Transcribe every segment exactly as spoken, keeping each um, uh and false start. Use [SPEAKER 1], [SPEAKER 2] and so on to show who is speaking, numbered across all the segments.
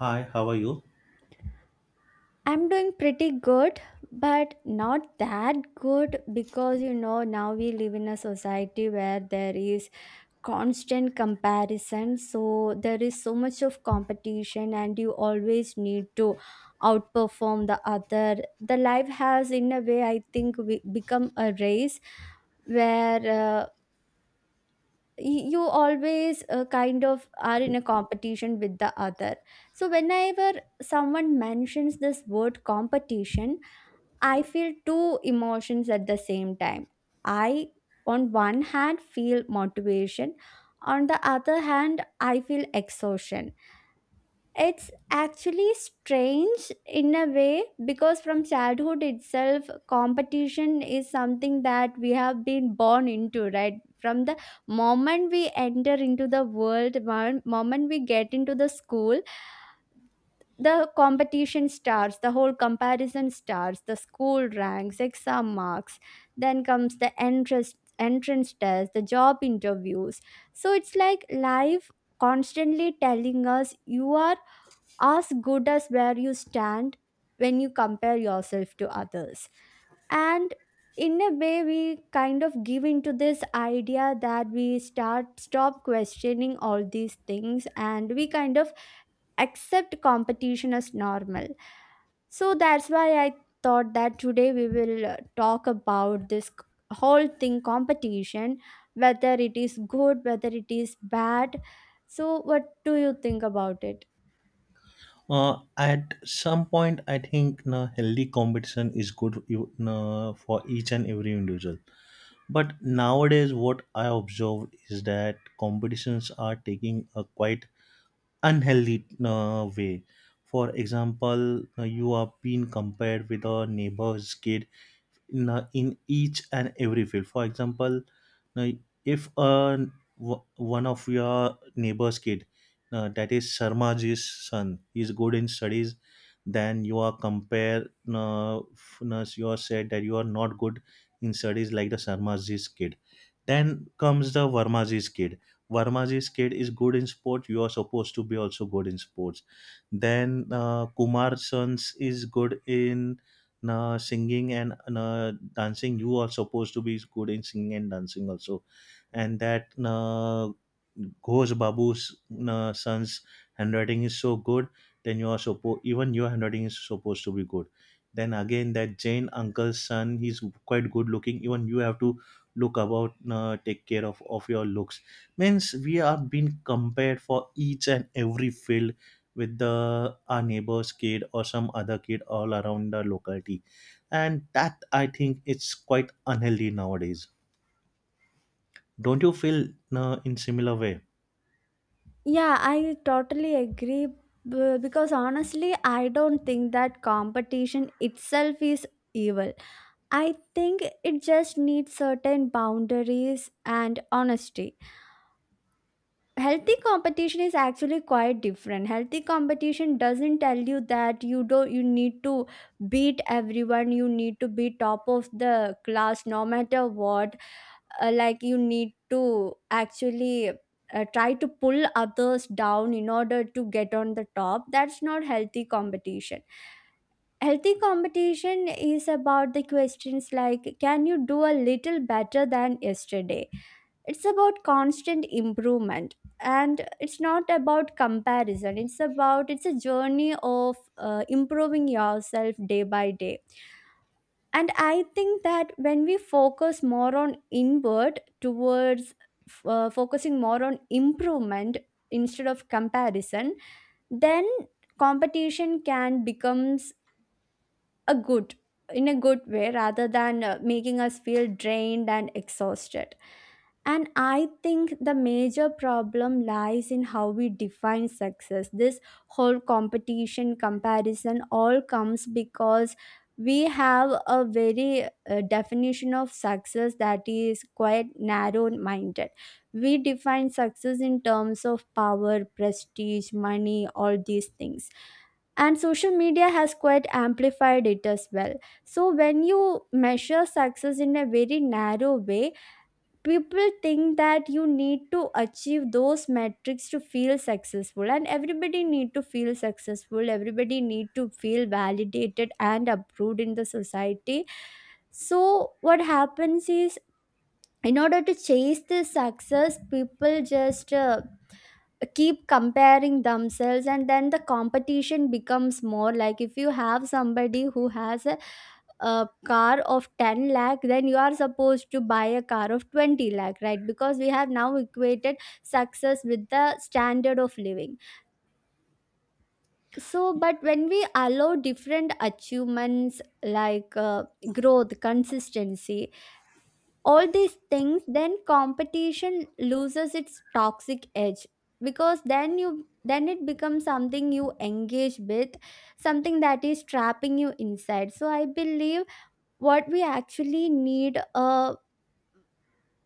[SPEAKER 1] Hi, how are you?
[SPEAKER 2] I'm doing pretty good, but not that good because you know now we live in a society where there is constant comparison. So there is so much of competition, and you always need to outperform the other. The life has, in a way, I think, we become a race where uh, y- you always uh, kind of are in a competition with the other. So whenever someone mentions this word competition, I feel two emotions at the same time. I, on one hand, feel motivation. On the other hand, I feel exhaustion. It's actually strange in a way because from childhood itself, competition is something that we have been born into, right? From the moment we enter into the world, one moment we get into the school, the competition starts, the whole comparison starts, the school ranks, exam marks, then comes the entrance entrance test, the job interviews. So it's like life constantly telling us you are as good as where you stand when you compare yourself to others. And in a way we kind of give into this idea that we start stop questioning all these things, and we kind of accept competition as normal. So that's why I thought that today we will uh, talk about this c- whole thing competition, whether it is good, whether it is bad. So, what do you think about it?
[SPEAKER 1] Uh, at some point, I think na healthy competition is good you- na, for each and every individual. But nowadays, what I observed is that competitions are taking a quite unhealthy na, way. For example, na, you are being compared with a neighbor's kid in uh, in each and every field. For example, now, if uh, w- one of your neighbor's kid uh, that is Sharmaji's son is good in studies. Then you are compare uh, f- uh, you are said that you are not good in studies like the Sharmaji's kid. Then comes the Varmaji's kid. Varmaji's kid is good in sport. You are supposed to be also good in sports. Then uh, Kumar Sons is good in na singing and na dancing. You are supposed to be good in singing and dancing also. And that na Ghosh Babu's na son's handwriting is so good. Then you are supposed, even your handwriting is supposed to be good. Then again, that Jain uncle's son, he's quite good looking. Even you have to look about, uh, take care of of your looks. Means we are being compared for each and every field with the our neighbor's kid or some other kid all around the locality. And that, I think, it's quite unhealthy nowadays. Don't you feel, no, in similar way?
[SPEAKER 2] Yeah, I totally agree b- because honestly, I don't think that competition itself is evil. I think it just needs certain boundaries and honesty. Healthy competition is actually quite different. Healthy competition doesn't tell you that you don't, you need to beat everyone, you need to be top of the class no matter what, uh, like you need to actually uh, try to pull others down in order to get on the top. That's not healthy competition. Healthy competition is about the questions like, can you do a little better than yesterday? It's about constant improvement, and it's not about comparison. It's about, it's a journey of uh, improving yourself day by day. And I think that when we focus more on inward towards uh, focusing more on improvement instead of comparison, then competition can becomes a good, in a good way, rather than uh, making us feel drained and exhausted. And I think the major problem lies in how we define success. This whole competition comparison all comes because we have a very uh, definition of success that is quite narrow minded. We define success in terms of power, prestige, money, all these things. And social media has quite amplified it as well. So when you measure success in a very narrow way, people think that you need to achieve those metrics to feel successful, and everybody need to feel successful, everybody need to feel validated and approved in the society. So what happens is, in order to chase this success, people just uh, keep comparing themselves, and then the competition becomes more like, if you have somebody who has a a car of 10 lakh, then you are supposed to buy a car of 20 lakh, right? Because we have now equated success with the standard of living. So but when we allow different achievements like uh, growth, consistency, all these things, then competition loses its toxic edge. Because then you, then it becomes something you engage with, something that is trapping you inside. So I believe what we actually need uh,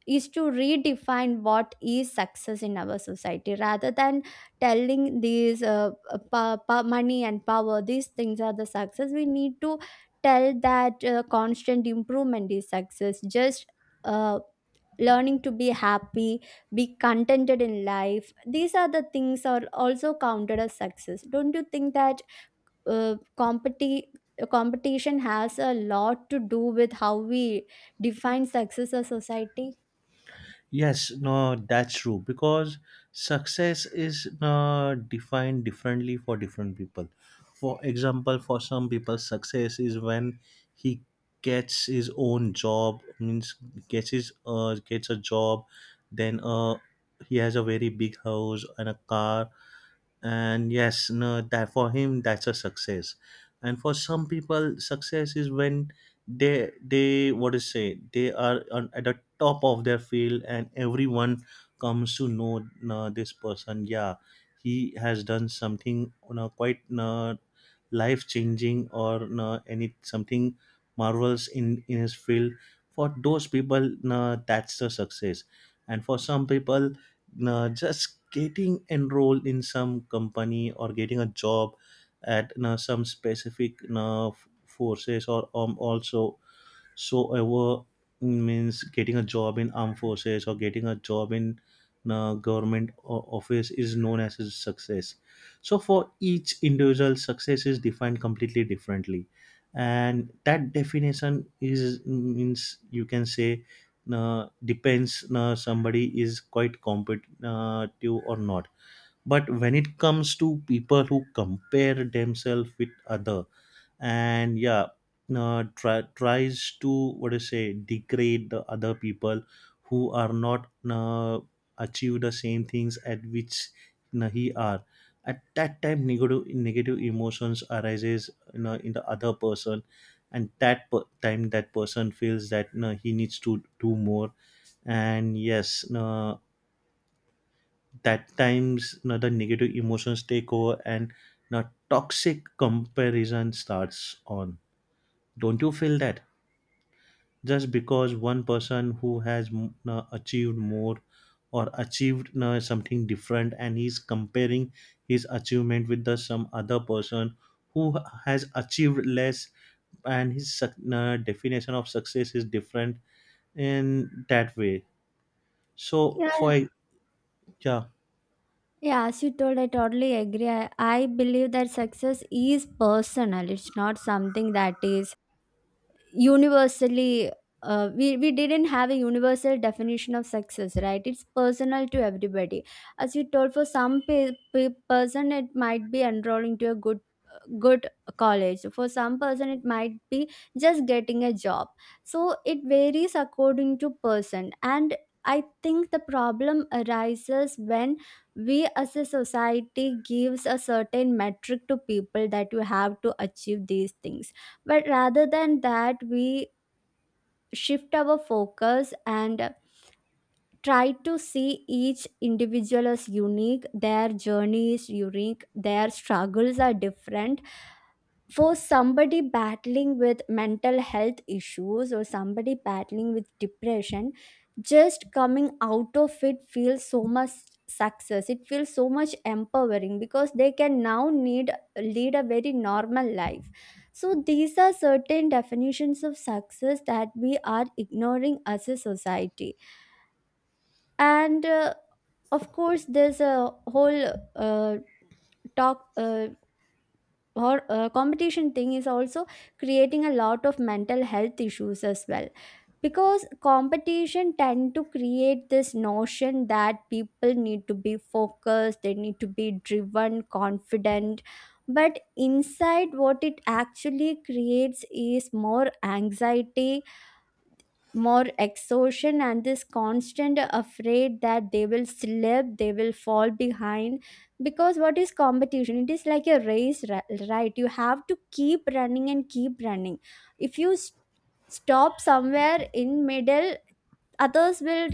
[SPEAKER 2] is to redefine what is success in our society, rather than telling these uh, uh, pa- pa- money and power, these things are the success. We need to tell that uh, constant improvement is success, just uh, learning to be happy, be contented in life, these are the things are also counted as success. Don't you think that uh, competi- competition has a lot to do with how we define success as society?
[SPEAKER 1] Yes, no that's true, because success is no, defined differently for different people. For example, for some people, success is when he gets his own job, means, gets his uh, gets a job. Then uh, he has a very big house and a car, and yes, no that for him, that's a success. And for some people, success is when they they, what to say, they are on, at the top of their field, and everyone comes to know, uh, this person, yeah, he has done something, you know, quite uh, life changing, or no, any something marvels in in his field. For those people, no, that's the success. And for some people, no, just getting enrolled in some company or getting a job at no, some specific, no, f- forces or um, also, so ever, means getting a job in armed forces or getting a job in uh, government o- office is known as a success. So for each individual, success is defined completely differently, and that definition is, means, you can say, uh, depends, uh, somebody is quite competitive or not. But when it comes to people who compare themselves with other, and yeah, uh, try, tries to, what do you say, degrade the other people who are not, uh, achieve the same things at which, you know, he are, at that time, negative negative emotions arises, you know, in the other person. And that per- time, that person feels that, you know, he needs to do more. And yes, uh, that times, you know, the negative emotions take over, and you toxic comparison starts on. Don't you feel that just because one person who has mm, uh, achieved more or achieved uh, something different, and he's comparing his achievement with the some other person who has achieved less, and his suc- uh, definition of success is different in that way? So for
[SPEAKER 2] Yeah,
[SPEAKER 1] e, yeah,
[SPEAKER 2] yeah, as you told, I totally agree. I, I believe that success is personal. It's not something that is universally, uh, we, we didn't have a universal definition of success, right? It's personal to everybody. As you told, for some pe- pe- person it might be enrolling to a good good college, for some person it might be just getting a job. So it varies according to person. And I think the problem arises when we as a society gives a certain metric to people that you have to achieve these things. But rather than that, we shift our focus and try to see each individual as unique. Their journey is unique, their struggles are different. For somebody battling with mental health issues or somebody battling with depression, just coming out of it feels so much success, it feels so much empowering because they can now need lead a very normal life. So these are certain definitions of success that we are ignoring as a society. And uh, of course there's a whole uh, talk uh, or uh, competition thing is also creating a lot of mental health issues as well. Because competition tend to create this notion that people need to be focused, they need to be driven, confident, but inside what it actually creates is more anxiety, more exhaustion, and this constant afraid that they will slip, they will fall behind. Because what is competition? It is like a race, ri- right? You have to keep running and keep running. If you s stop somewhere in middle, others will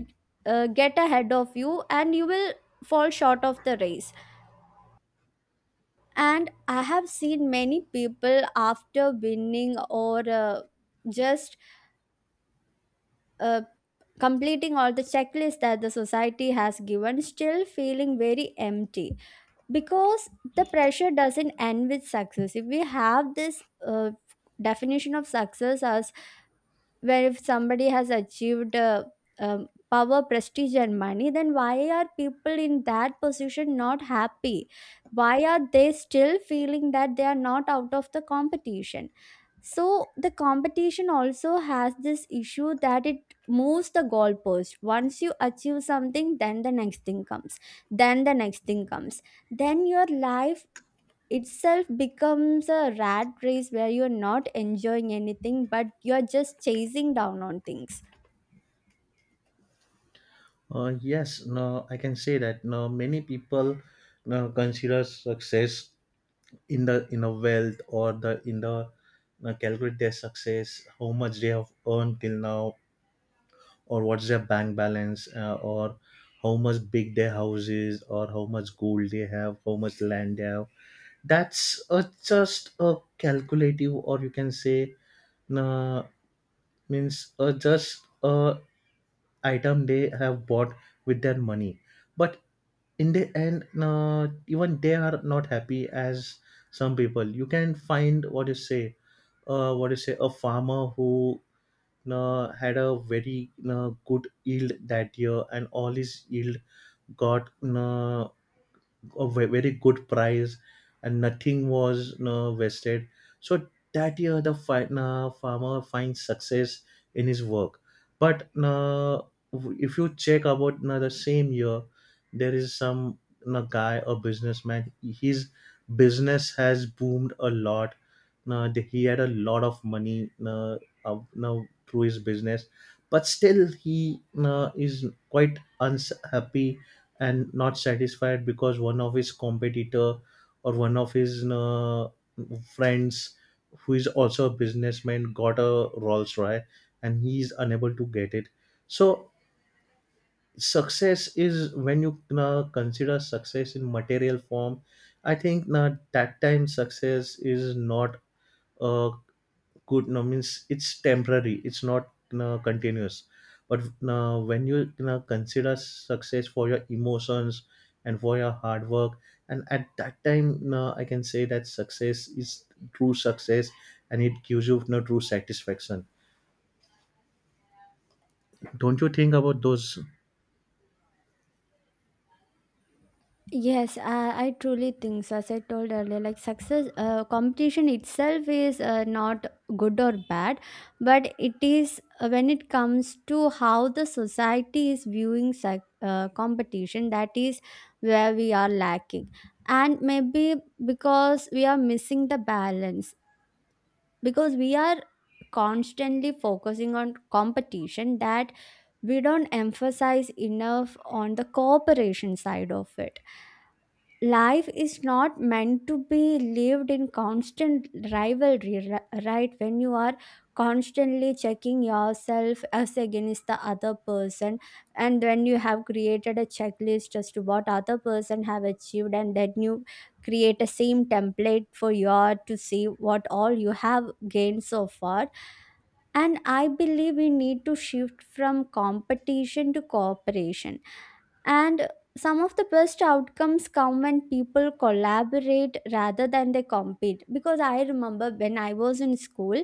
[SPEAKER 2] uh, get ahead of you, and you will fall short of the race. And I have seen many people after winning or uh, just uh, completing all the checklists that the society has given, still feeling very empty. Because the pressure doesn't end with success. If we have this uh, definition of success as, where if somebody has achieved uh, um, power, prestige and money, then why are people in that position not happy? Why are they still feeling that they are not out of the competition? So the competition also has this issue that it moves the goalpost. Once you achieve something, then the next thing comes, then the next thing comes, then your life itself becomes a rat race where you're not enjoying anything but you're just chasing down on things.
[SPEAKER 1] uh, yes, no, I can say that, no, many people, no, consider success in the in a wealth, or the in the uh, calculate their success, how much they have earned till now, or what's their bank balance, uh, or how much big their house is, or how much gold they have, how much land they have. That's a, just a calculative, or you can say, uh, means uh, just a item they have bought with their money. But in the end, uh, even they are not happy, as some people you can find, what you say, uh, what you say a farmer who uh, had a very uh, good yield that year, and all his yield got, uh, a ve- very good price, and nothing was, you know, wasted. So that year, the fi- uh, farmer finds success in his work. But uh, if you check about you the same year, there is some you guy, a businessman, his business has boomed a lot. Now, the- he had a lot of money, uh, out- now through his business, but still he uh, is quite unhappy and not satisfied, because one of his competitor, or one of his uh, friends, who is also a businessman, got a Rolls Royce, and he is unable to get it. So success is when you uh, consider success in material form. I think uh, that time, success is not a good, no means, it's temporary, it's not, no, continuous. But no, when you, you know, consider success for your emotions and for your hard work, and at that time, no, I can say that success is true success, and it gives you no true satisfaction. Don't you think about those?
[SPEAKER 2] Yes, I, I truly think so. As I told earlier, like success, uh, competition itself is uh, not good or bad, but it is uh, when it comes to how the society is viewing suc uh, competition, that is where we are lacking. And maybe because we are missing the balance, because we are constantly focusing on competition that we don't emphasize enough on the cooperation side of it. Life is not meant to be lived in constant rivalry, ri- right? When you are constantly checking yourself as against the other person, and when you have created a checklist as to what other person have achieved, and then you create a same template for your to see what all you have gained so far. And I believe we need to shift from competition to cooperation. And some of the best outcomes come when people collaborate rather than they compete. Because I remember when I was in school,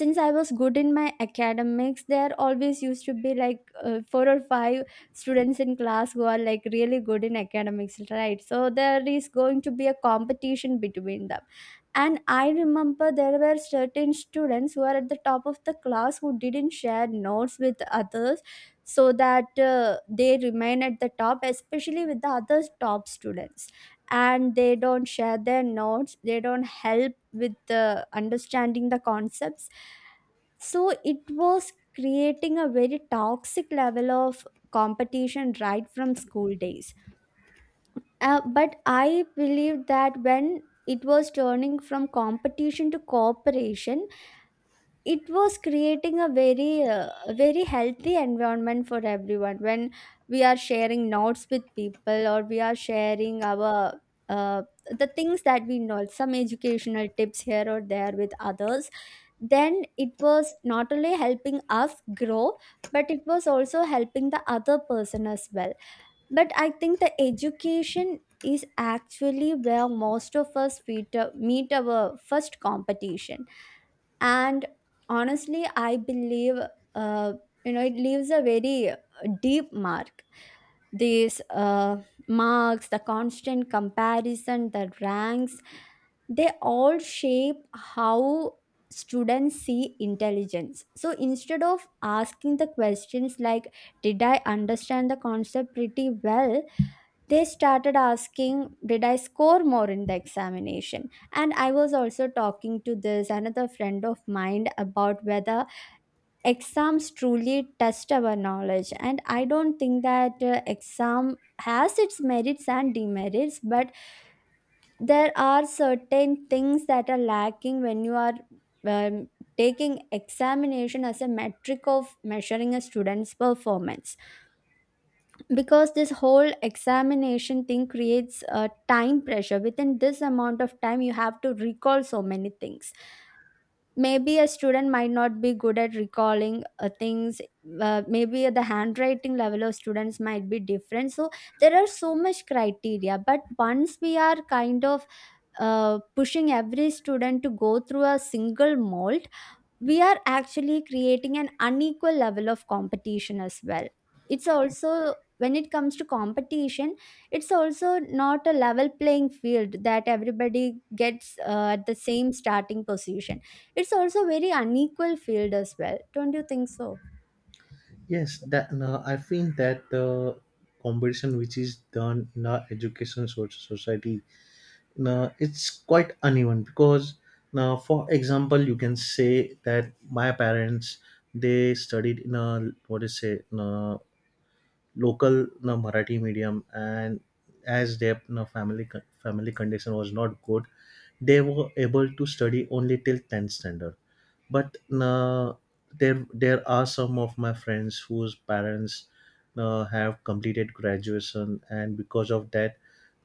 [SPEAKER 2] since I was good in my academics, there always used to be like uh, four or five students in class who are like really good in academics, right? So there is going to be a competition between them. And I remember there were certain students who are at the top of the class who didn't share notes with others so that uh, they remain at the top, especially with the other top students. And they don't share their notes, they don't help with the understanding the concepts. So it was creating a very toxic level of competition right from school days. Uh, but I believe that when it was turning from competition to cooperation, it was creating a very uh, a very healthy environment for everyone. When we are sharing notes with people, or we are sharing our uh, the things that we know, some educational tips here or there with others, then it was not only helping us grow, but it was also helping the other person as well. But I think the education is actually where most of us meet, uh, meet our first competition. And honestly I believe uh, you know it leaves a very uh, deep mark. These uh, marks, the constant comparison, the ranks, they all shape how students see intelligence. So instead of asking the questions like, did I understand the concept pretty well, they started asking, did I score more in the examination? And I was also talking to this another friend of mine about whether exams truly test our knowledge. And I don't think that uh, exam has its merits and demerits, but there are certain things that are lacking when you are um, taking examination as a metric of measuring a student's performance. Because this whole examination thing creates a time pressure, within this amount of time you have to recall so many things. Maybe a student might not be good at recalling uh, things. Uh, maybe the handwriting level of students might be different, so there are so much criteria, but once we are kind of uh, pushing every student to go through a single mold, we are actually creating an unequal level of competition as well. It's also when it comes to competition, it's also not a level playing field, that everybody gets uh, at the same starting position. It's also very unequal field as well, don't you think so?
[SPEAKER 1] Yes, that, no, I think that the competition which is done in our education so- society, now, it's quite uneven. Because now, for example, you can say that my parents, they studied in a, what do you say, in a local na Marathi medium, and as their na family con- family condition was not good, they were able to study only till tenth standard. But na there there are some of my friends whose parents na have completed graduation, and because of that,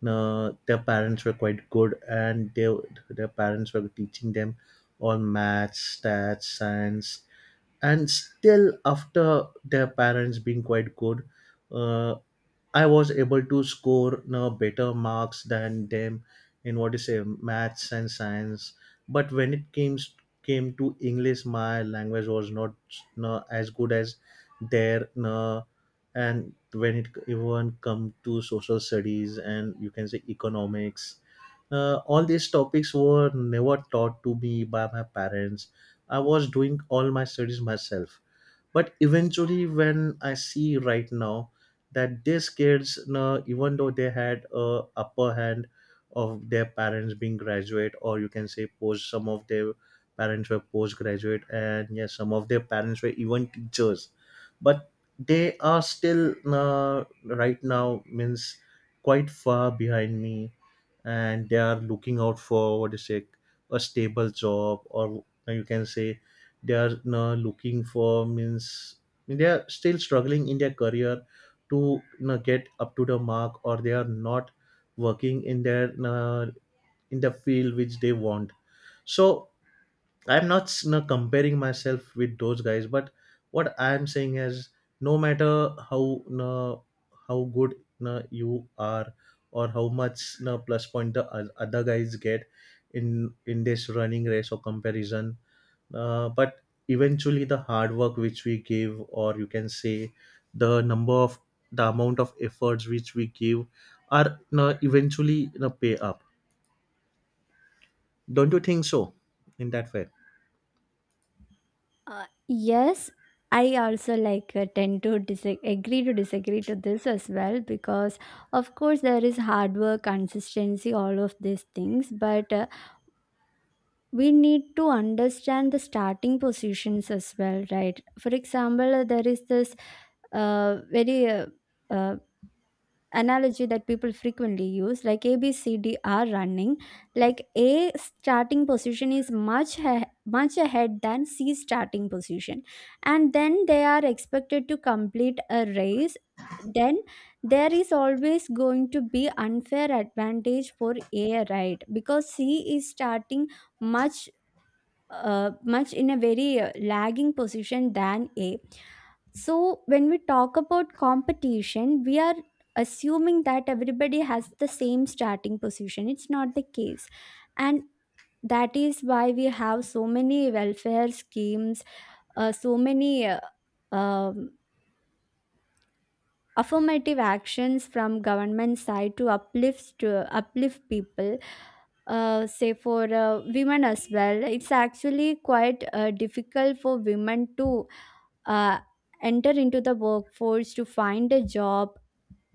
[SPEAKER 1] na their parents were quite good, and they their parents were teaching them all maths, stats, science, and still, after their parents being quite good, uh, I was able to score, you know, better marks than them in, what you say, maths and science. But when it came came to English, my language was not, you know, as good as their. You know, and when it even come to social studies and, you can say, economics, uh, all these topics were never taught to me by my parents. I was doing all my studies myself. But eventually, when I see right now that these kids, you know, even though they had a upper hand of their parents being graduate, or you can say post, some of their parents were postgraduate, and yes, some of their parents were even teachers, but they are still, uh, right now, means, quite far behind me, and they are looking out for, what is it, a stable job, or you can say, they are now looking for, means, they are still struggling in their career to, you know, get up to the mark, or they are not working in their, uh, in the field which they want. So I'm not, you know, comparing myself with those guys, but what I'm saying is, no matter how, you know, how good you, know, you are, or how much, you know, plus point the o- other guys get in in this running race or comparison, uh, but eventually, the hard work which we give, or you can say, the number of the amount of efforts which we give are, you know, eventually, you know, pay up. Don't you think so, in that way?
[SPEAKER 2] uh, Yes, I also like uh, tend to disagree agree to disagree to this as well, because of course there is hard work, consistency, all of these things, but uh, we need to understand the starting positions as well, right? For example, uh, there is this uh, very uh, uh, analogy that people frequently use, like A, B, C, D are running, like A starting position is much ha- much ahead than C starting position, and then they are expected to complete a race. Then there is always going to be unfair advantage for A, right? Because C is starting much, uh, much in a very uh, lagging position than A. So, when we talk about competition, we are assuming that everybody has the same starting position. It's not the case. And that is why we have so many welfare schemes, uh, so many uh, um, affirmative actions from government side to uplift to uplift people. Uh, say for uh, women as well, it's actually quite uh, difficult for women to uh, enter into the workforce, to find a job.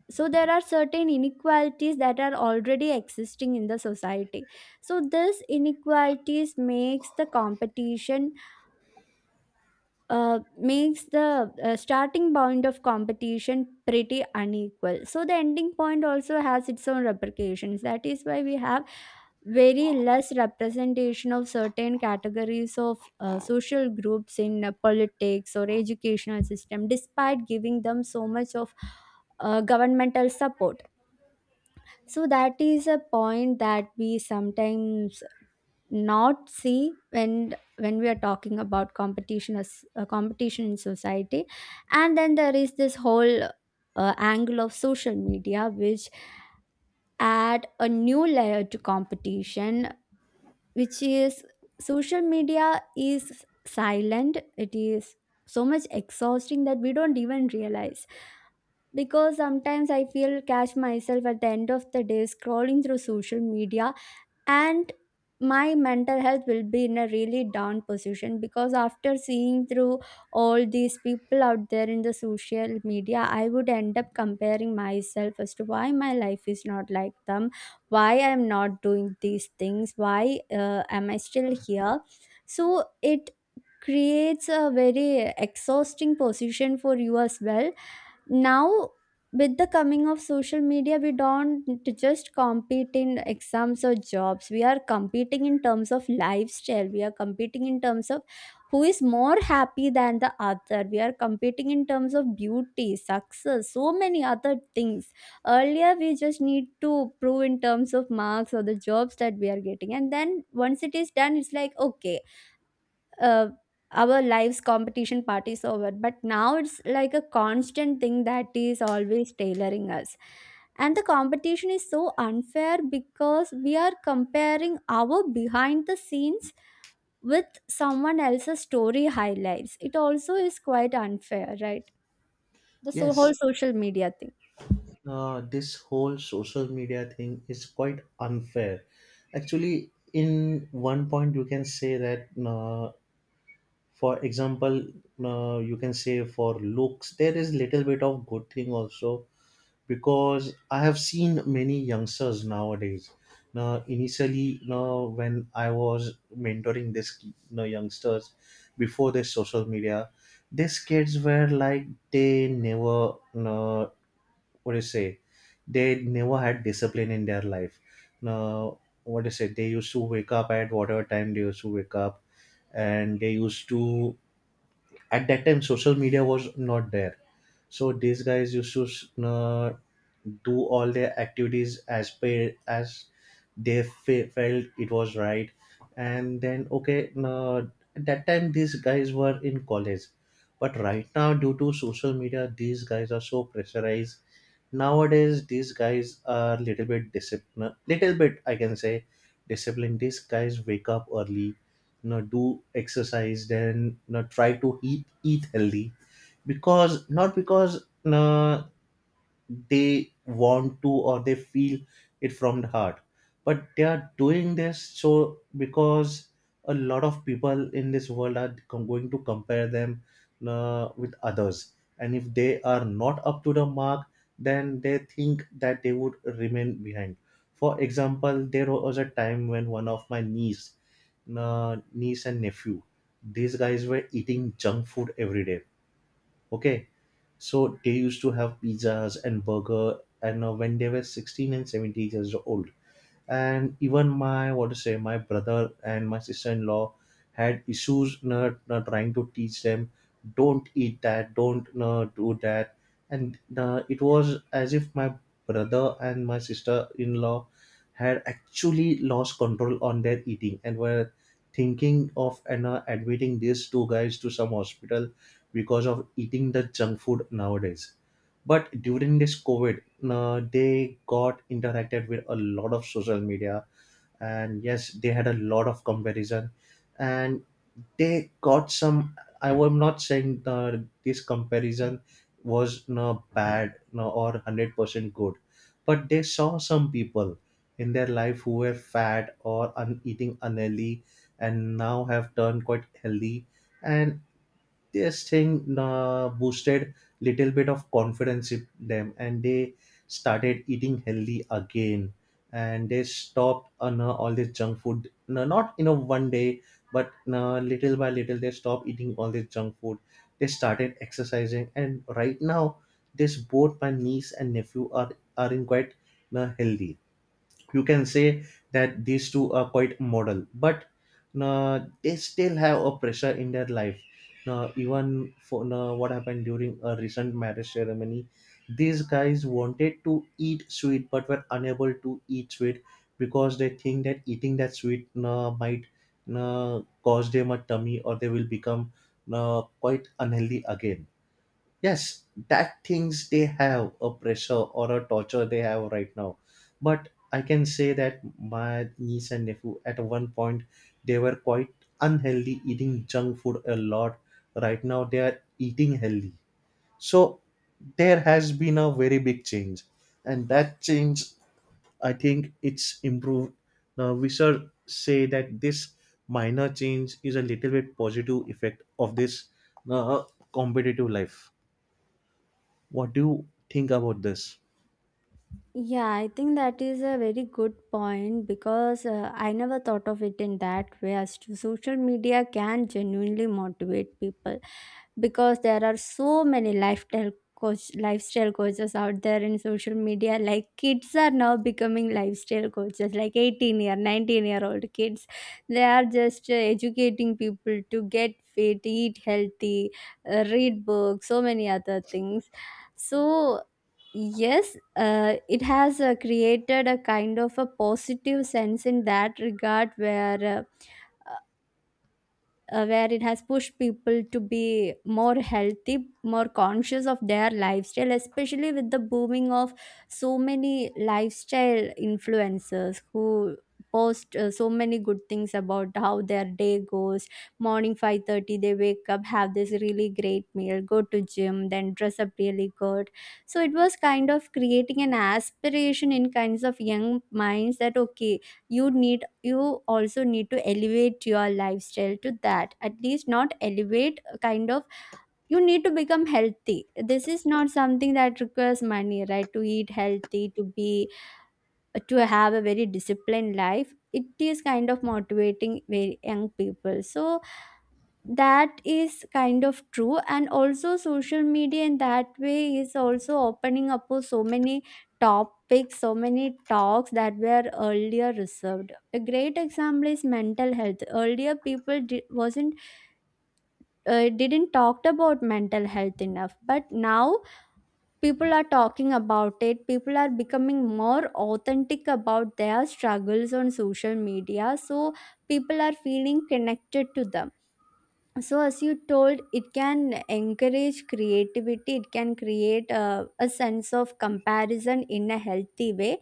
[SPEAKER 2] So there are certain inequalities that are already existing in the society, so this inequalities makes the competition, uh, makes the uh, starting point of competition pretty unequal, so the ending point also has its own repercussions. That is why we have very less representation of certain categories of uh, social groups in uh, politics or educational system, despite giving them so much of uh, governmental support. So that is a point that we sometimes not see when when we are talking about competition as uh, competition in society. And then there is this whole uh, angle of social media, which add a new layer to competition, which is social media is silent. It is so much exhausting that we don't even realize, because sometimes I feel catch myself at the end of the day scrolling through social media, and my mental health will be in a really down position, because after seeing through all these people out there in the social media, I would end up comparing myself as to why my life is not like them, why I am not doing these things, why uh, am I still here. So it creates a very exhausting position for you as well. Now, with the coming of social media, we don't just compete in exams or jobs, we are competing in terms of lifestyle, we are competing in terms of who is more happy than the other, we are competing in terms of beauty, success, so many other things. Earlier we just need to prove in terms of marks or the jobs that we are getting, and then once it is done, it's like, okay, uh, our lives competition part is over. But now it's like a constant thing that is always tailoring us. And the competition is so unfair because we are comparing our behind the scenes with someone else's story highlights. It also is quite unfair, right, the so whole
[SPEAKER 1] Yes,
[SPEAKER 2] social media thing.
[SPEAKER 1] uh, this whole social media thing is quite unfair. Actually, in one point, you can say that, uh, for example, uh, you can say for looks there is little bit of good thing also, because I have seen many youngsters nowadays. Now, initially, now when I was mentoring this, you know, youngsters before this social media, these kids were like they never, you know, what do you say, they never had discipline in their life. Now, what do you say, they used to wake up at whatever time they used to wake up, and they used to, at that time social media was not there, so these guys used to, uh, do all their activities as per as they fe- felt it was right. And then, okay, uh, at that time these guys were in college, but right now, due to social media, these guys are so pressurized. Nowadays, these guys are little bit disciplined. Little bit, I can say, disciplined. These guys wake up early, you know, do exercise, then, you know, try to eat eat healthy. Because not because, you know, they want to or they feel it from the heart, but they are doing this so because a lot of people in this world are com- going to compare them, uh, with others, and if they are not up to the mark, then they think that they would remain behind. For example, there was a time when one of my niece uh, niece and nephew, these guys were eating junk food every day. Okay, so they used to have pizzas and burger, and uh, when they were sixteen and seventeen years old, and even my, what to say, my brother and my sister-in-law had issues, you know, trying to teach them, don't eat that, don't you do that. And uh, it was as if my brother and my sister-in-law had actually lost control on their eating, and were thinking of, and know, admitting these two guys to some hospital, because of eating the junk food nowadays. But during this COVID, uh, they got interacted with a lot of social media, and yes, they had a lot of comparison, and they got some. I am not saying, uh, this comparison was no bad, no, or one hundred percent good, but they saw some people in their life who were fat or un- eating unhealthy, and now have turned quite healthy, and this thing, uh, boosted little bit of confidence in them, and they started eating healthy again, and they stopped on, uh, all this junk food, no, not in a one day, but uh, little by little, they stopped eating all this junk food. They started exercising, and right now, this, both my niece and nephew are are in quite, uh, healthy, you can say that these two are quite model. But uh, they still have a pressure in their life. Now, even for now, what happened during a recent marriage ceremony, these guys wanted to eat sweet but were unable to eat sweet, because they think that eating that sweet uh, might uh, cause them a tummy, or they will become uh, quite unhealthy again. Yes, that things they have a pressure or a torture they have right now. But I can say that my niece and nephew at one point, they were quite unhealthy, eating junk food a lot. Right now, they are eating healthy. So there has been a very big change, and that change, I think it's improved. Now, we should say that this minor change is a little bit positive effect of this, uh, competitive life. What do you think about this?
[SPEAKER 2] Yeah, I think that is a very good point, because uh, I never thought of it in that way, as to social media can genuinely motivate people. Because there are so many lifestyle coach lifestyle coaches out there in social media, like kids are now becoming lifestyle coaches, like eighteen year nineteen year old kids, they are just uh, educating people to get fit, eat healthy, uh, read books, so many other things. So yes, uh, it has uh, created a kind of a positive sense in that regard, where uh, uh, where it has pushed people to be more healthy, more conscious of their lifestyle, especially with the booming of so many lifestyle influencers who post uh, so many good things about how their day goes. Morning five thirty they wake up, have this really great meal, go to gym, then dress up really good. So it was kind of creating an aspiration in kinds of young minds that okay, you need, you also need to elevate your lifestyle to that, at least not elevate, uh, kind of you need to become healthy. This is not something that requires money, right, to eat healthy, to be uh, to have a very disciplined life. It is kind of motivating very young people. So that is kind of true. And also social media in that way is also opening up for so many topics, so many talks that were earlier reserved. A great example is mental health. Earlier people di- wasn't uh, didn't talked about mental health enough, but now people are talking about it, people are becoming more authentic about their struggles on social media, so people are feeling connected to them. So as you told, it can encourage creativity, it can create a, a sense of comparison in a healthy way.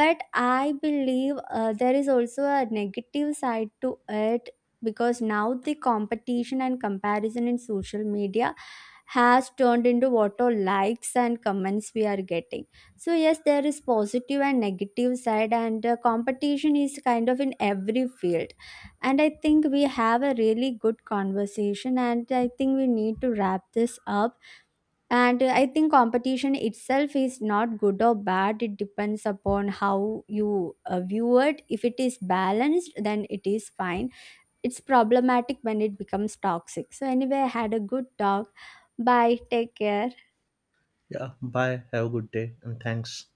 [SPEAKER 2] But I believe uh, there is also a negative side to it, because now the competition and comparison in social media has turned into what all likes and comments we are getting. So yes, there is positive and negative side, and uh, competition is kind of in every field. And I think we have a really good conversation, and I think we need to wrap this up. And I think competition itself is not good or bad, it depends upon how you uh, view it. If it is balanced, then it is fine. It's problematic when it becomes toxic. So, anyway, I had a good talk. Bye, take care.
[SPEAKER 1] Yeah, bye. Have a good day and thanks.